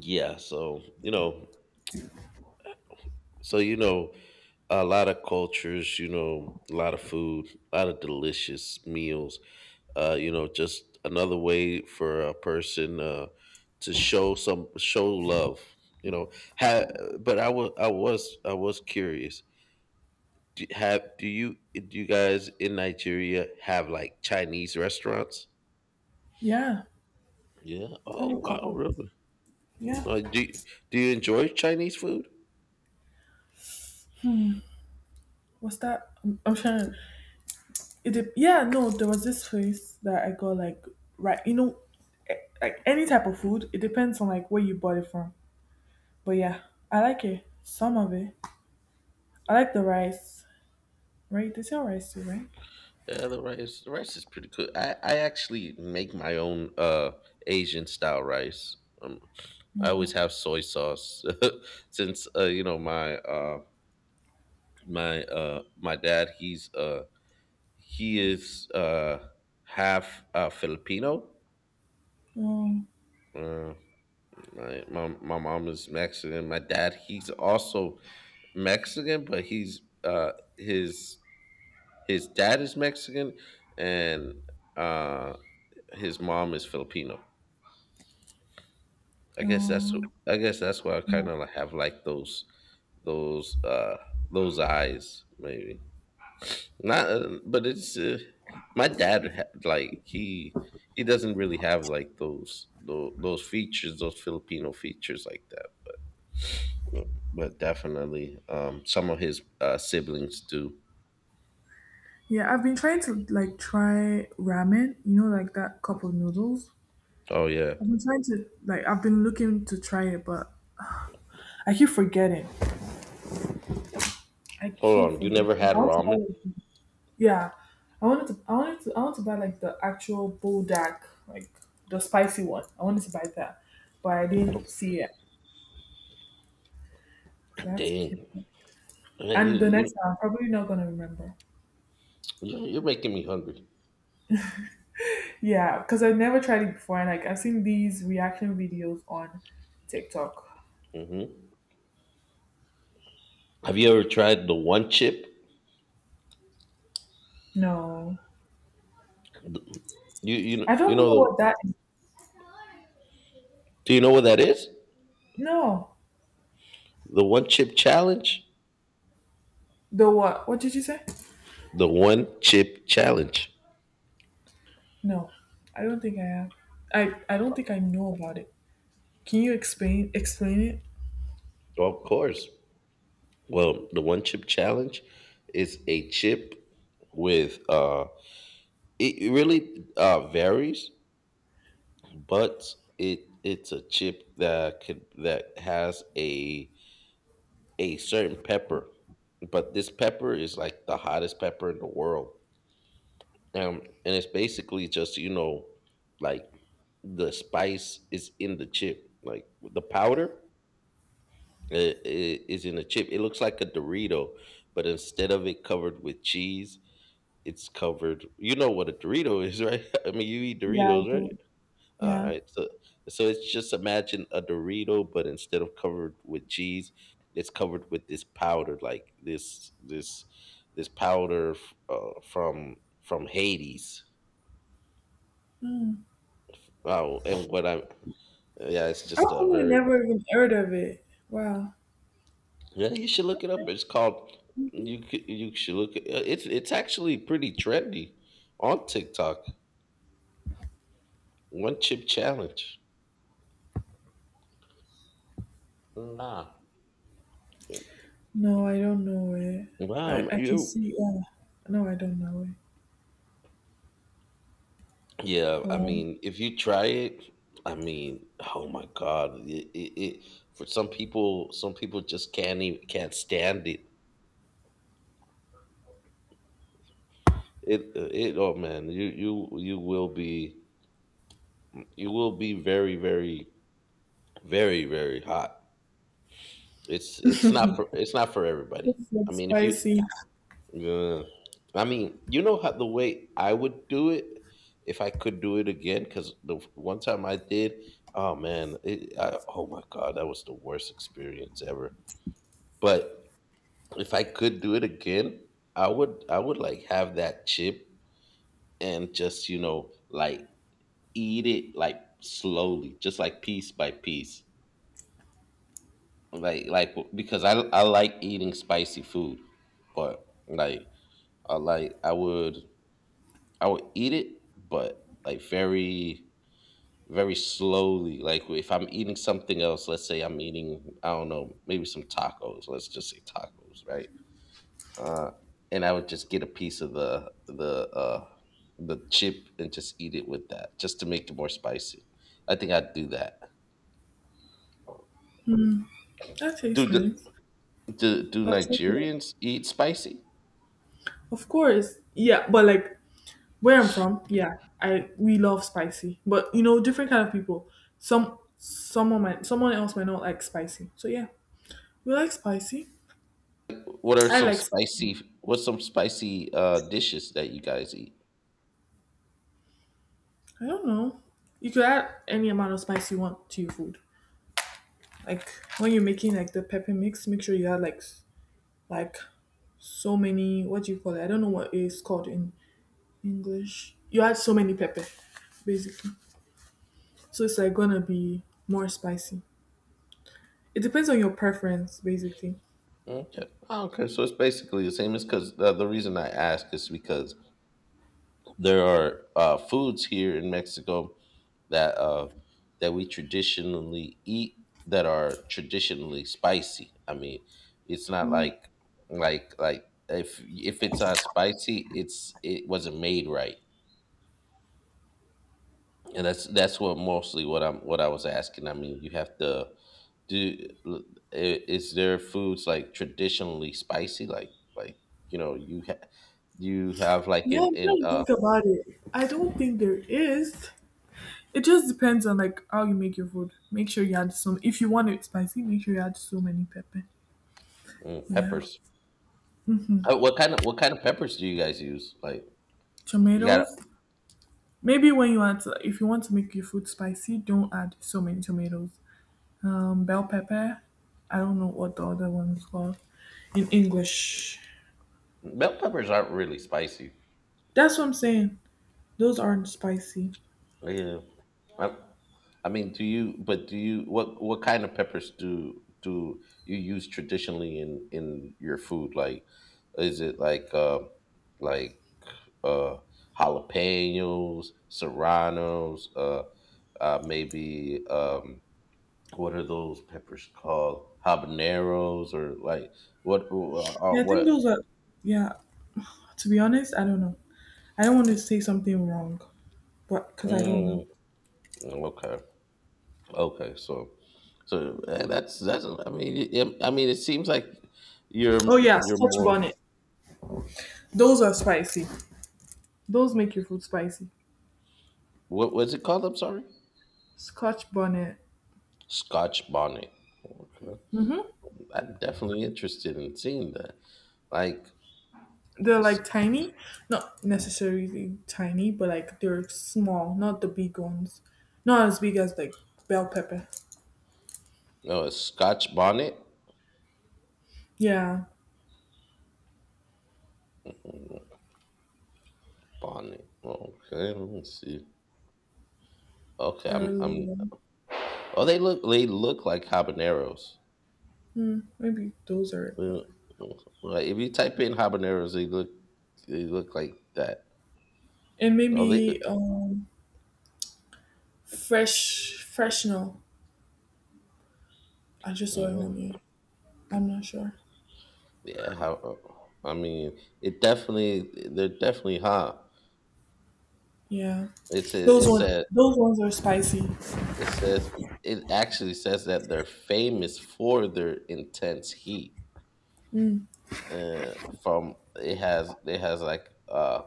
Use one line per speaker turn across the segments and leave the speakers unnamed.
Yeah, so you know, a lot of cultures, a lot of food, a lot of delicious meals. Just another way for a person to show some show love. You know, have But I was curious. Do you guys in Nigeria have like Chinese restaurants?
Yeah,
Yeah.
I have
Oh
a
wow,
couple.
really?
Yeah,
Uh, do do you enjoy Chinese food?
what's that? I'm trying. It did, yeah, no, there was this place that I got like right. You know, eh, like any type of food, it depends on like where you bought it from. But yeah, I like it. Some of it. I like the rice. Right? They sell rice too, right?
Yeah, the rice is pretty good. I actually make my own Asian style rice. Um, I always
No,
have soy sauce since my dad he's he is half Filipino.
no,
Uh, my mom is Mexican. My dad he's also Mexican, but he's his dad is Mexican and uh his mom is Filipino. I guess that's
no,
I guess that's why I kind
no.
of have like those uh those eyes maybe not, but it's my dad had, like, he doesn't really have like those features, those Filipino features like that, but definitely, some of his, siblings do.
Yeah, I've been trying to like try ramen. You know, like that cup of noodles.
Oh yeah.
I've been looking to try it, but I keep forgetting. I
Hold
keep
on, you
forgetting.
never had
I want to buy
ramen?
like, the- yeah. I want to buy like the actual buldak, like the spicy one. I wanted to buy that. But I
Oh,
didn't see it. So I have to
dang.
keep it.
Man,
And the next time I'm probably not gonna remember.
you're making me hungry.
Yeah, because I've never tried it before and like I've seen these reaction videos on TikTok.
Hmm, have you ever tried the one chip?
No.
You
I
you
don't know
know the
what that is.
Do you know what that is?
No.
The one chip challenge?
The what? What did you say?
The one chip challenge.
No. I don't think I have. I don't think I know about it. Can you explain it?
Of course. Well, the one chip challenge is a chip with, it really, varies, but it's a chip that has a certain pepper. But this pepper is like the hottest pepper in the world. And it's basically just, like, the spice is in the chip. Like the powder, uh, i- is in the chip. It looks like a Dorito, but instead of it covered with cheese, it's covered. You know what a Dorito is, right? I mean, you eat
Yeah, I
Doritos,
do.
right? All
Yeah.
right. So it's just, imagine a Dorito, but instead of covered with cheese, it's covered with this powder, like, this powder, from Hades. Oh, and yeah, it's
I've
just a
probably
very,
never even heard of it. Wow.
yeah. You should look it up.
Okay.
It's called, you should look. It- it's actually pretty trendy on TikTok. One chip challenge. Nah.
No, I don't know it.
Wow.
I can
You.
see, yeah. No, I don't know it.
Yeah. I
Wow.
mean, if you try it, I mean, oh my god. It For some people, just can't stand it. Oh man, you will be, very, very, very, very hot. It's not for everybody.
It's
I
like
mean, if you,
spicy.
yeah. I mean, you know, how the way I would do it if I could do it again. Because the one time I did, oh man, oh my god, that was the worst experience ever. But if I could do it again, I would like have that chip and just, like, eat it like slowly, just like piece by piece, like, because I like eating spicy food, but like, like, I would eat it, but, like, very, very slowly. Like, if I'm eating something else, let's say I'm eating, I don't know, maybe some tacos. Let's just say tacos, right? Uh, and I would just get a piece of the chip and just eat it with that, just to make it more spicy. I think I'd do that.
That
Do
tastes
the
nice.
do
I'll check it out.
Nigerians eat spicy?
Of course. Yeah, but like where I'm from, yeah, I we love spicy. But you know, different kind of people. Someone else might not like spicy. So yeah. We like spicy.
What are
I
some
like s-
spicy? What's some spicy, dishes that you guys eat?
I don't know. You could add any amount of spice you want to your food. Like when you're making like the pepper mix, make sure you add like s-, like so many, what do you call it, I don't know what it's called in English, you add so many pepper, basically, so it's like gonna be more spicy. It depends on your preference, basically.
Okay. Okay. So it's basically the same. It's because The reason I ask is because there are, foods here in Mexico that uh, that we traditionally eat, that are traditionally spicy. I mean, it's not like, like like if it's not spicy, it wasn't made right. And that's what mostly what I was asking. I mean, you have to do. l- Is there foods, like, traditionally spicy, like, like you know, you have like
Yeah, I'm
in,
trying to think about it, I don't think there is. It just depends on like how you make your food. Make sure you add some. If you want it spicy, make sure you add so many pepper.
mm,
Yeah,
peppers? What kind of, peppers do you guys use? Like, you got
tomatoes. Maybe when you want to, if you want to make your food spicy, don't add so many tomatoes. Bell pepper. I don't know what the other one is called in English.
bell peppers aren't really spicy.
That's what I'm saying. Those aren't spicy.
Yeah, I, I mean, do you? But do you? What kind of peppers do you use traditionally in your food? Like, is it like, like, uh, jalapenos, serranos, maybe, what are those peppers called? Habaneros, or like what?
Yeah, I think
What?
those are. Yeah, to be honest, I don't know. I don't want to say something wrong, but because I don't know.
Mm, okay, okay. So, so that's that's. I mean, I mean, it seems like you're
Oh yeah,
you're
Scotch
more.
bonnet. Those are spicy. Those make your food spicy.
What was it called? I'm sorry.
Scotch bonnet.
Scotch bonnet. Okay.
hmm
I'm definitely interested in seeing that. Like,
They're
s-
like tiny, not necessarily tiny, but like they're small, not the big ones. Not as big as like bell pepper.
no, a Scotch bonnet.
Yeah,
Mm. Bonnie. Okay, let me see. Okay,
they're
I'm. I'm.
little.
Oh, they look. They look like habaneros.
Hmm, maybe those are it,
Well,
but
like if you type in habaneros, they look. They look like that.
and
Oh, they.
maybe fresh freshnel. I just saw it on
Mhm.
you. I'm not sure.
Yeah. I mean, it definitely. They're definitely hot.
Yeah,
It's a. It's a.
those ones are spicy.
It says. It actually says that they're famous for their intense heat. Uh, from It has like.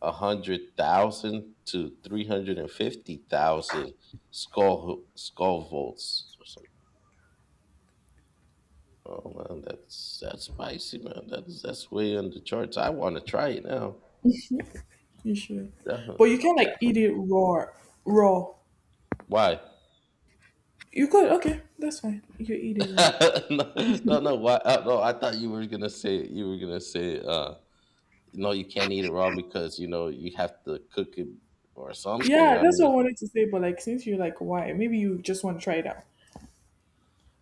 100,000 to 350,000, skull volts. Or something. Oh man, that's spicy, man. That's way on the charts. I want to try it now.
You should, but you
Defi-
can like eat it raw. Raw.
Why?
You could okay, that's fine. You could eat it raw.
No, no, no, why? No, I thought you were gonna say, no, you can't eat it raw because, you know, you have to cook it or something.
Yeah, that's what I wanted to say. But like, since you're like, why? Maybe you just want to try it out.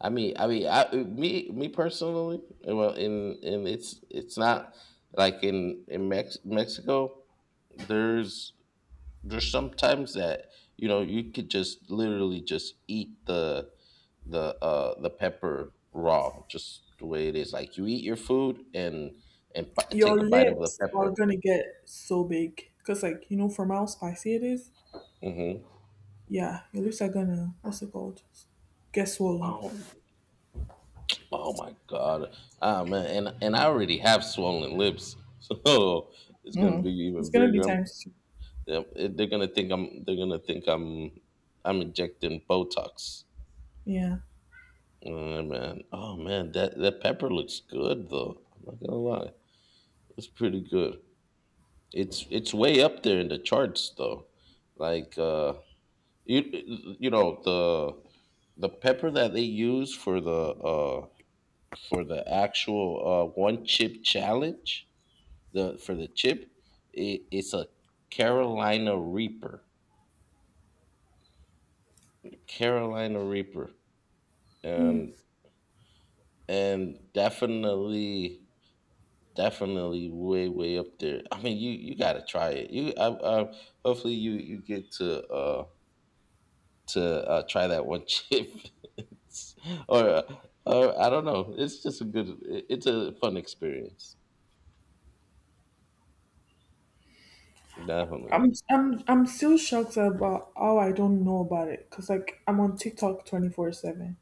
I mean, me personally, well, in, it's not like in Mexico. There's there's sometimes that, you know, you could just literally just eat the pepper raw, just the way it is. Like, you eat your food and,
Your
take a bite of the
lips are
pepper.
gonna get so big because, like, you know, from how spicy it is.
Mm-hmm.
Yeah, your lips are gonna, what's it called? Get swollen.
Oh, oh my God, ah man, and I already have swollen lips, so it's gonna be
Mhm. It's
even
gonna be
bigger.
times two.
Yep, they're gonna think I'm. They're gonna think I'm. I'm injecting Botox.
Yeah,
Oh man, that pepper looks good though. I'm not gonna lie, it's pretty good. It's way up there in the charts though. Like, you you know the pepper that they use for the, uh for the actual one chip challenge the for the chip. It, it's a Carolina Reaper, Carolina Reaper, and, definitely, definitely way, way up there. I mean, you gotta try it. I Hopefully you, get to, try that one chip. It's- or uh, or I don't know, it's just a good, it's a fun experience, definitely.
I'm still shocked about how I don't know about it because, like, I'm on TikTok 24/7.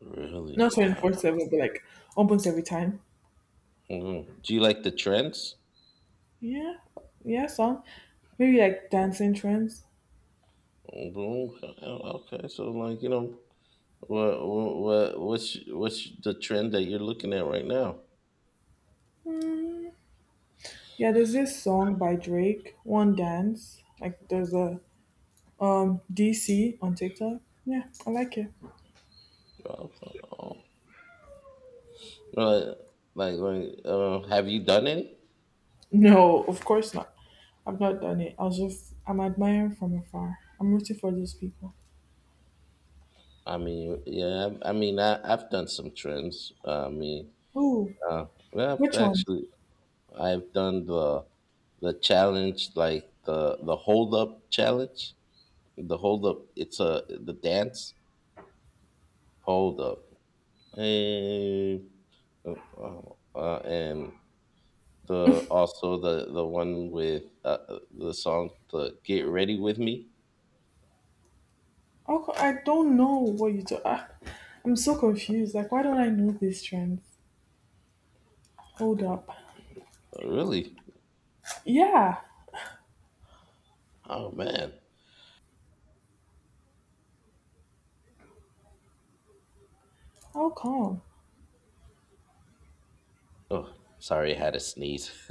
Really.
Not twenty four
Wow.
seven, but like almost every time.
Mhm. Do you like the trends?
Yeah, yeah, so maybe like dancing trends.
Mhm. Okay, so, like, you know, what's the trend that you're looking at right now?
Yeah, there's this song by Drake, One Dance. Like there's a DC on TikTok. Yeah, I like it.
Oh, right. Like, right, have you done any?
No, of course not. I've not done it. I was just I'm admiring from afar. I'm rooting for those people.
I mean, yeah. I mean, I've done some trends. I mean,
Oh,
uh, well,
which one?
I've done the challenge, like, the hold up challenge. The hold up. It's a The dance hold up, and, uh, uh, and the, also, the one with, the song, the get ready with me.
Oh, I don't know what you do. Ah, I'm so confused. Like, why don't I know these trends? Hold up.
Oh, really?
Yeah.
Oh man.
How come?
Oh, sorry, I had a sneeze.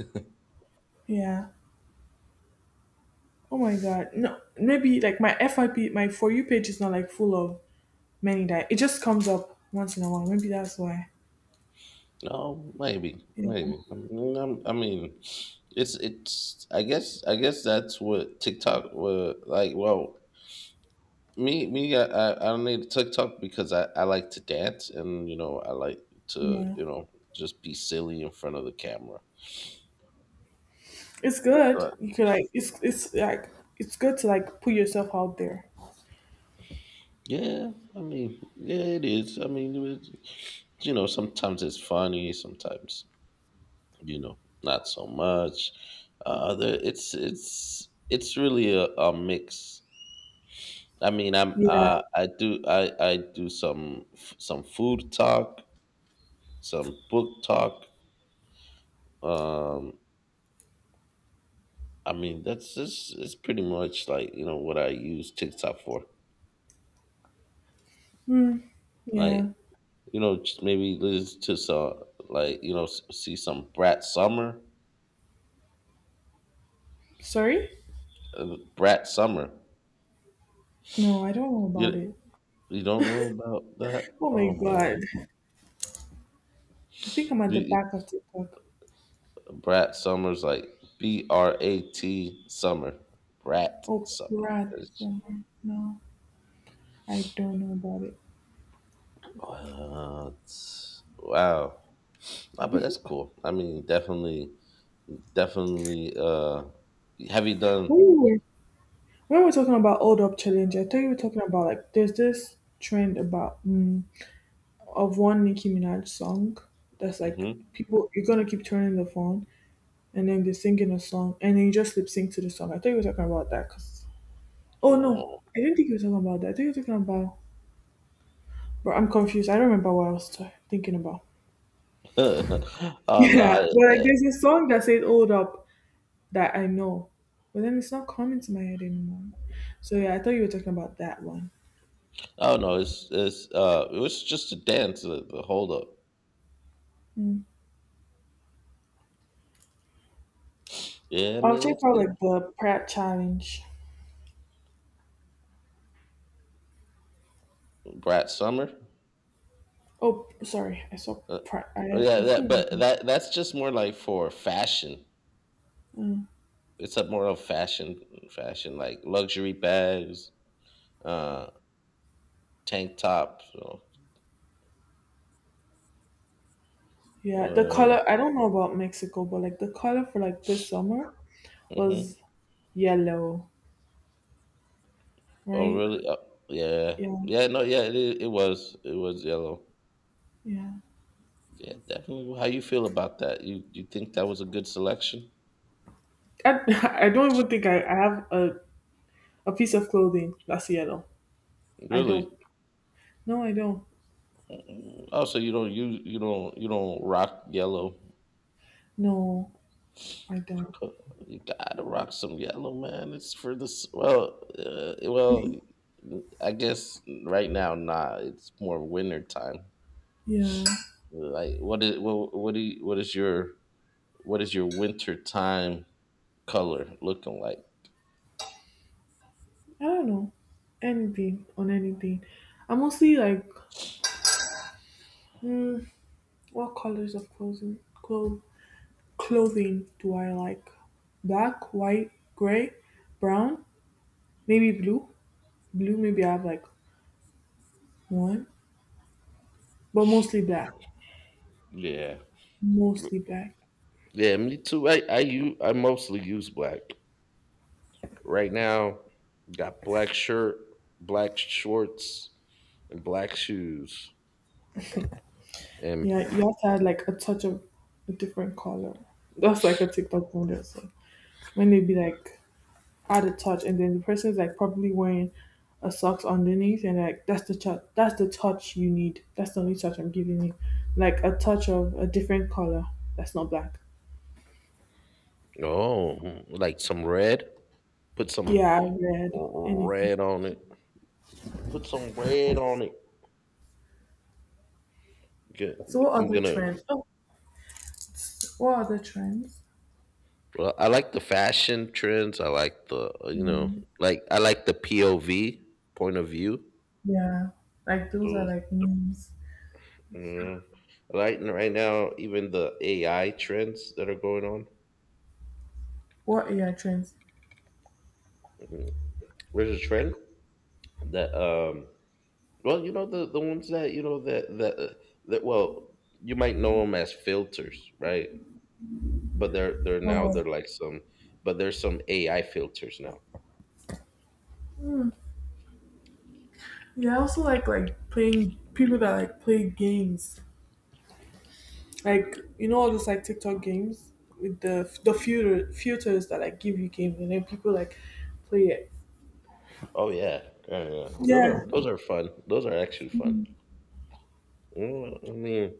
Yeah. Oh my god. No, maybe like my FIP, my for you page is not like full of many die. It just comes up once in a while. Maybe that's why.
No, maybe,
Yeah,
maybe. I mean, I mean, it's it's. I guess that's what TikTok was like. Well, I don't need TikTok because I like to dance, and, you know, I like to,
yeah.
just be silly in front of the camera.
It's good.
So I-
You could like it's like it's good to like put yourself out there.
yeah, I mean, yeah, it is. I mean, sometimes it's funny, sometimes, not so much. It's really a mix. I mean,
Yeah,
I do some, food talk, some book talk. Um, I mean, that's just it's pretty much, like, you know, what I use TikTok for.
yeah.
Like, you know, just maybe listen to some, like, you know, see some Brat Summer,
Sorry?
Brat Summer.
No, I don't know about
You
it.
you don't know about that?
Oh my
Oh my
god.
god.
I think I'm at
You-
the
you-
back of TikTok.
Brat Summer's like BRAT Summer, Brat
Oh,
Summer.
rat. No, I don't know about it.
What? Wow. Ah, but that's cool. I mean, definitely, definitely. Have you done?
When we were, when we were talking about old up challenge, I thought you were talking about like there's this trend about. Mm, of one Nicki Minaj song that's like
Hmm.
people you're gonna keep turning the phone and then they're singing a song and then you just lip sync to the song. I thought you were talking about that because oh no,
Oh,
I didn't think you were talking about that. I think you were talking about, but I'm confused. I don't remember what I was thinking about.
oh no!
Yeah, but like there's a song that says "Hold Up" that I know, but then it's not coming to my head anymore. So yeah, I thought you were talking about that one.
Oh no! It was just a dance. The hold up. Yeah, I
I'll
mean,
check out
it,
like the Pratt challenge.
Brat Summer.
Oh, sorry, I saw
Uh,
Pratt.
oh,
I,
yeah, that but that's just more like for fashion. It's a more of fashion, like luxury bags, uh, tank tops. So,
Yeah, the
uh,
color, I don't know about Mexico, but like the color for like this summer was
mhm.
yellow,
Oh,
right?
really? Oh, yeah,
Yeah,
yeah. No, yeah. It was yellow.
yeah.
Yeah, definitely. How you feel about that? You think that was a good selection?
I, I don't even think I have a piece of clothing that's yellow. I don't.
Really?
No, I don't.
Mm-hmm. Also, you don't you don't you don't rock yellow.
No, I don't.
Co- You gotta rock some yellow, man. It's for this. Well, I guess right now, nah. It's more winter time.
Yeah,
Like, what is what do you, what is your winter time color looking like?
I don't know. Anything on anything. I'm mostly like, mm, what colors of clothing? Clothing do I like? Black, white, gray, brown, maybe blue. Blue, maybe I have like One, but mostly black.
Yeah.
Mostly black.
Yeah, me too. I mostly use black right now. Got black shirt, black shorts, and black shoes, and
Yeah, you have to add like a touch of a different color. That's like a TikTok model. So when they be like add a touch, and then the person's like probably wearing a socks underneath, and like that's the touch. That's the touch you need. That's the only touch I'm giving you, like a touch of a different color that's not black.
oh, like some red. Put some
Yeah, red, anything.
red on it. Put some red on it. G-
So what
I'm
other
gonna.
trends? Oh, what other trends?
Well, I like the fashion trends. I like the
Yeah,
like I like the POV point of view.
yeah. Like those are
Those,
like memes.
you know, like right now, even the AI trends that are going on.
What AI trends?
There's a trend that well you know, the ones that well you might know them as filters, right? But they're
Oh,
like some, but there's some AI filters now.
yeah, I also like playing people that like play games, like you know all those like TikTok games with the filters that like give you games, and then people like play it.
Oh yeah, yeah, those are
Yeah,
fun. Those are actually fun. I mean,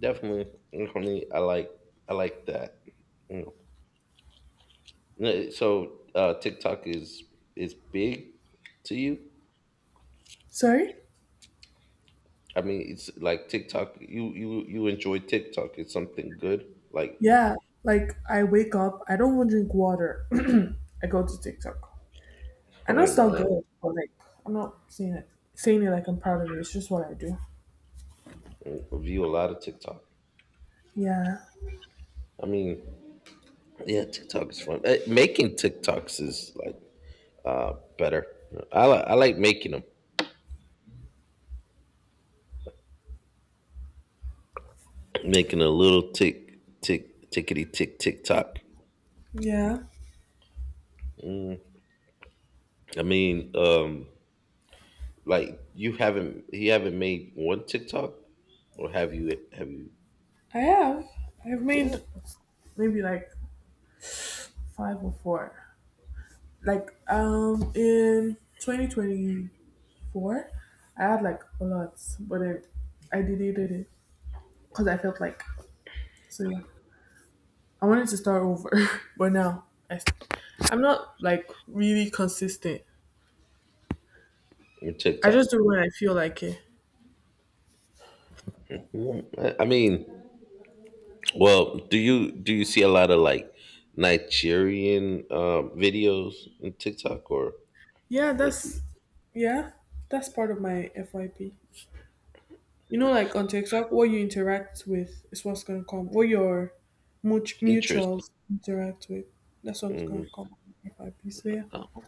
definitely I like that. Mm. So TikTok is big to you?
sorry.
I mean, it's like TikTok. You enjoy TikTok. It's something good. Like,
Yeah, like I wake up, I don't want to drink water. I go to TikTok. I know
oh
it's not
man,
good, but like I'm not saying it, saying it like I'm proud of it. It's just what I do.
I view a lot of TikTok.
Yeah,
I mean, yeah, TikTok is fun. Eh, making TikToks is like better. I like making them. Making a little tick tick tickety tick TikTok.
yeah.
Mm. I mean, like you haven't made one TikTok, or have you? Have you?
I have. I've
Yeah,
made maybe like five or four. Like in 2024 I had like a lot, but I deleted it because I felt like, so yeah, I wanted to start over. but now I, I'm not like really consistent.
your
I
TikTok.
just do when I feel like it.
I mean. Well, do you see a lot of like Nigerian videos on TikTok,
Yeah,
or do you-
that's, yeah, that's part of my fyp. You know, like on TikTok what you interact with is what's going to come, what your
interest?
mutuals interact with, that's what's going
Mm.
to come on fyp, so yeah.
Oh,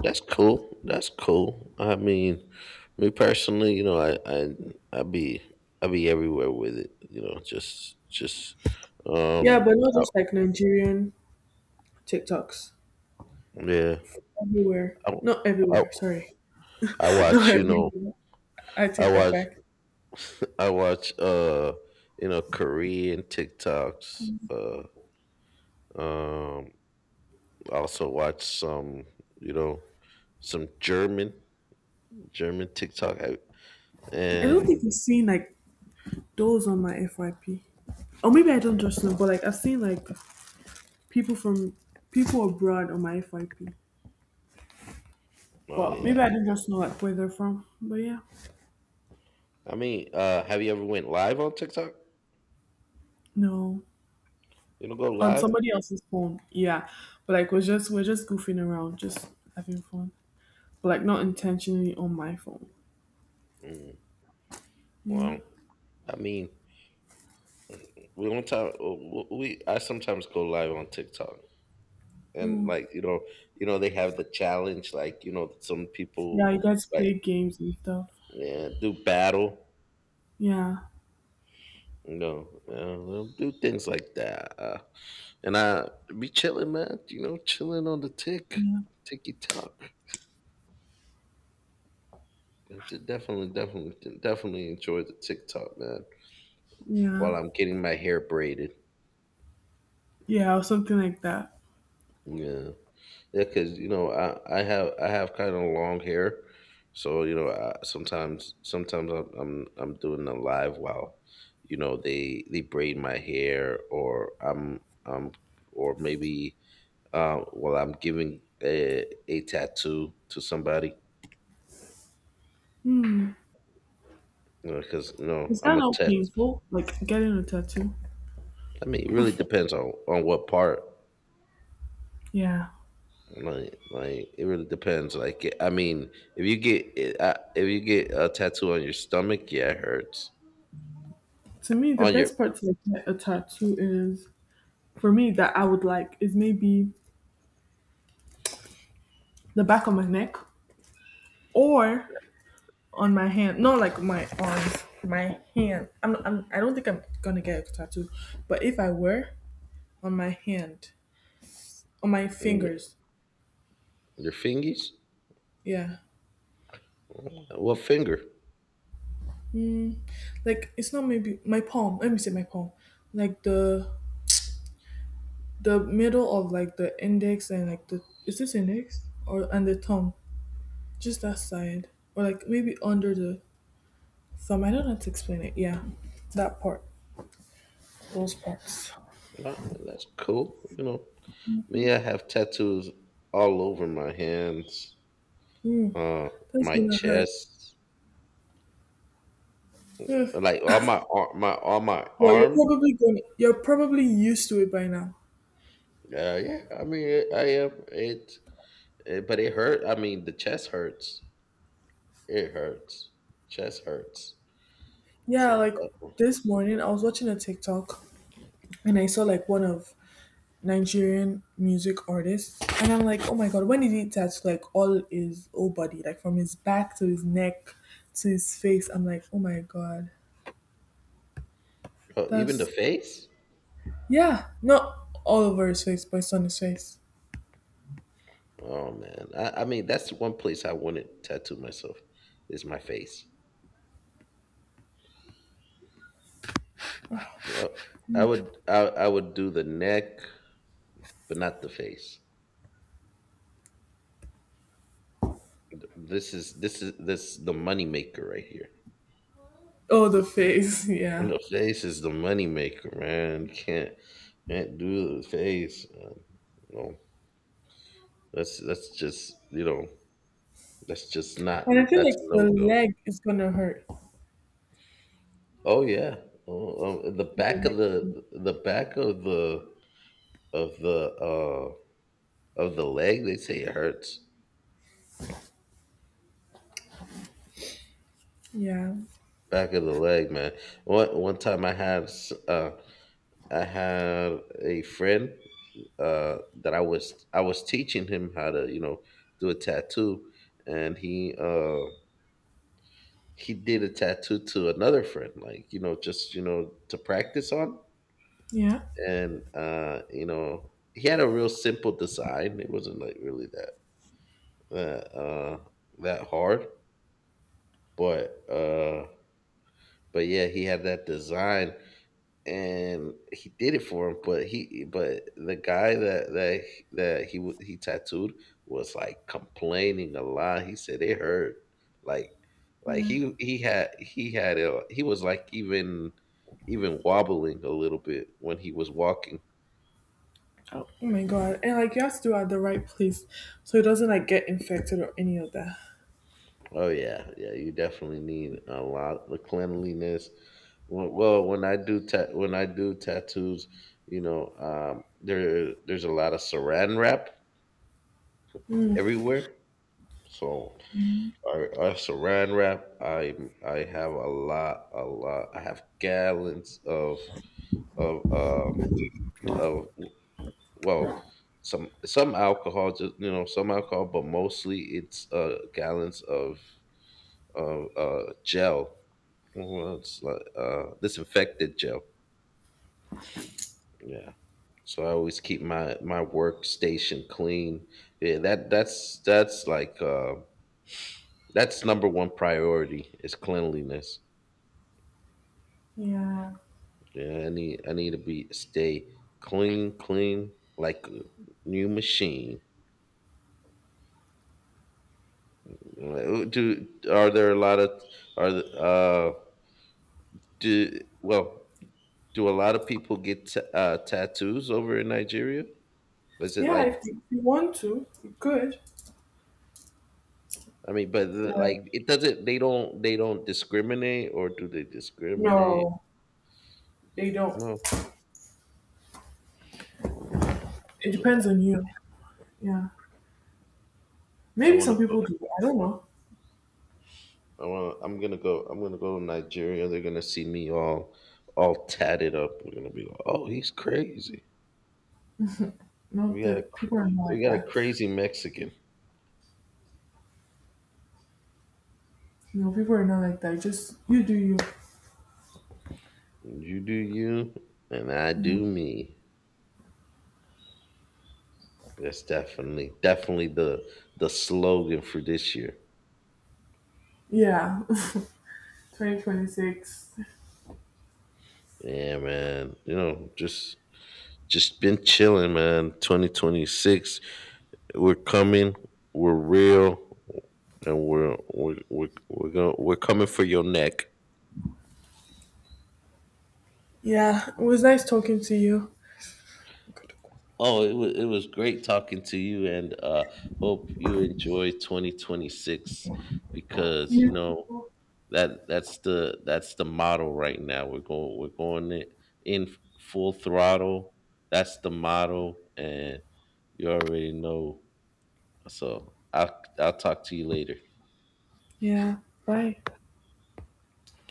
that's cool. That's cool. I mean, me personally, you know, I be everywhere with it. You know, just
Yeah,
um
but not
I,
just like Nigerian TikToks.
yeah.
Everywhere.
I,
Not
I
everywhere, sorry.
I
not
watch, you know,
everywhere. I
I
take that
watch
back.
I watch you know, Korean TikToks, um I also watch some, you know, some German TikTok. I-
I don't think I've
And
seen like those on my FYP. Or maybe I don't just know, but like I've seen like people from people abroad on my FYP.
oh
Well, maybe
yeah,
I didn't just know like where they're from. But yeah.
I mean, have you ever went live on TikTok?
No.
You don't go
On
live?
somebody else's phone. Yeah. But like we're just goofing around, just having fun. But like not intentionally on my phone.
Mm,
Yeah.
well, I mean, we one time w- we I sometimes go live on TikTok, and
Mm.
like you know they have the challenge, like you know, some people
Yeah, you guys
like
play games and stuff.
yeah do battle,
Yeah.
you know, they'll do things like that. And I be chilling, man. You know, chilling on the tick,
Yeah.
ticky tock. Definitely, definitely, definitely enjoy the TikTok, man.
Yeah.
While I'm getting my hair braided,
Yeah, or something like that.
yeah, yeah, because you know I have kind of long hair, so sometimes I'm doing a live while, you know they braid my hair, or I'm or maybe while I'm giving a tattoo to somebody.
Hmm.
Because you know,
Is
I'm
that
a
not
test.
painful? Like getting a tattoo?
I mean, it really depends on what part.
Yeah.
Like it really depends. Like, I mean, if you get a tattoo on your stomach, yeah, it hurts.
To me, the
On
best part to like get a tattoo is for me that I would like is maybe the back of my neck or on my hand. Not like my arms, my hand. I don't think I'm gonna get a tattoo, but if I were on my hand, on my fingers,
your fingers,
yeah.
what finger?
Mm, like it's not maybe my palm. Let me say my palm. Like the middle of like the index and like the is this index or and the thumb, just that side or like maybe under the thumb. I don't know how to explain it. Yeah, that part, those parts.
Well, man, that's cool. You know, me, I have tattoos all over my hands,
Mm,
uh,
that's
my
gonna hurt.
chest,
Ugh.
like on my ar- my on my
Well, you're
arm.
probably going. You're probably used to it by now.
Yeah, I mean, I am. It eh, but it hurt. I mean, the chest hurts. It hurts. Chest hurts.
Yeah,
So
like
that one-
this morning I was watching a TikTok and I saw like one of Nigerian music artist, and I'm like, oh my god, when did he touch like all his whole body, like from his back to his neck to his face? I'm like, oh my god,
oh, even the
that's
face.
yeah, not all over his face, but it's on his face.
Oh man. I mean, that's one place I wouldn't tattoo myself. Is my face. Uh, I would. I, I would do the neck, but not the face. This is this the money maker right here.
Oh, the face,
And
yeah.
the face is the money maker, man. Can't do the face. No, that's just you know that's just not
And I feel
that's
like
a
the
no go.
leg is gonna hurt.
Oh yeah. Oh, oh, the
The
back of
leg-
the back of the of the uh of the leg. They say it hurts.
Yeah,
Back of the leg, man. One time I had a friend that I was teaching him how to you know do a tattoo, and he did a tattoo to another friend, like you know just you know to practice on,
yeah,
and you know he had a real simple design. It wasn't like really that that uh that hard, but uh but yeah, he had that design and he did it for him. But he but the guy that he tattooed was like complaining a lot. He said it hurt, like
yeah.
he had he was like even wobbling a little bit when he was walking.
Oh, oh my god, and like you have to do it at the right place so it doesn't like get infected or any of that.
Oh yeah, yeah. You definitely need a lot of cleanliness. Well, when I do when I do tattoos, you know, there's a lot of Saran wrap
Mm.
everywhere. So I Saran wrap. I have a lot, a lot. I have gallons of of um of well, some alcohol, just you know, some alcohol, but mostly it's gallons of gel. Well, it's like disinfected gel. Yeah. So I always keep my workstation clean. Yeah, that's like that's number one priority is cleanliness.
Yeah.
Yeah, I need to be stay clean, clean like a new machine. Do are there a lot of are the, do well do a lot of people get tattoos over in Nigeria? Is it
Yeah,
like
if you want to, you could.
I mean, but
Yeah.
like it doesn't. They don't discriminate, or do they discriminate?
No, they don't.
No.
It
But yeah.
depends on you. Yeah.
I
Maybe
want to
some
go.
people do. I don't know.
I want. I'm gonna go. I'm gonna go to Nigeria. They're gonna see me all tatted up. We're gonna be like, oh, he's crazy.
No,
We got a.
the
cr-
people are not
We
like
got a
that.
crazy Mexican.
No, people are not like that. Just you do you.
You do you, and I
Yeah.
do me. That's definitely, definitely the slogan for this year.
Yeah. 2026.
Yeah, man. You know, just been chilling, man. 2026, we're coming. We're real, and we're coming for your neck.
Yeah. It was nice talking to you.
Oh, it was great talking to you, and hope you enjoy 2026, because you
You.
know that that's the model right now. We're going in full throttle. That's the model, and you already know. So I'll talk to you later.
Yeah. Bye.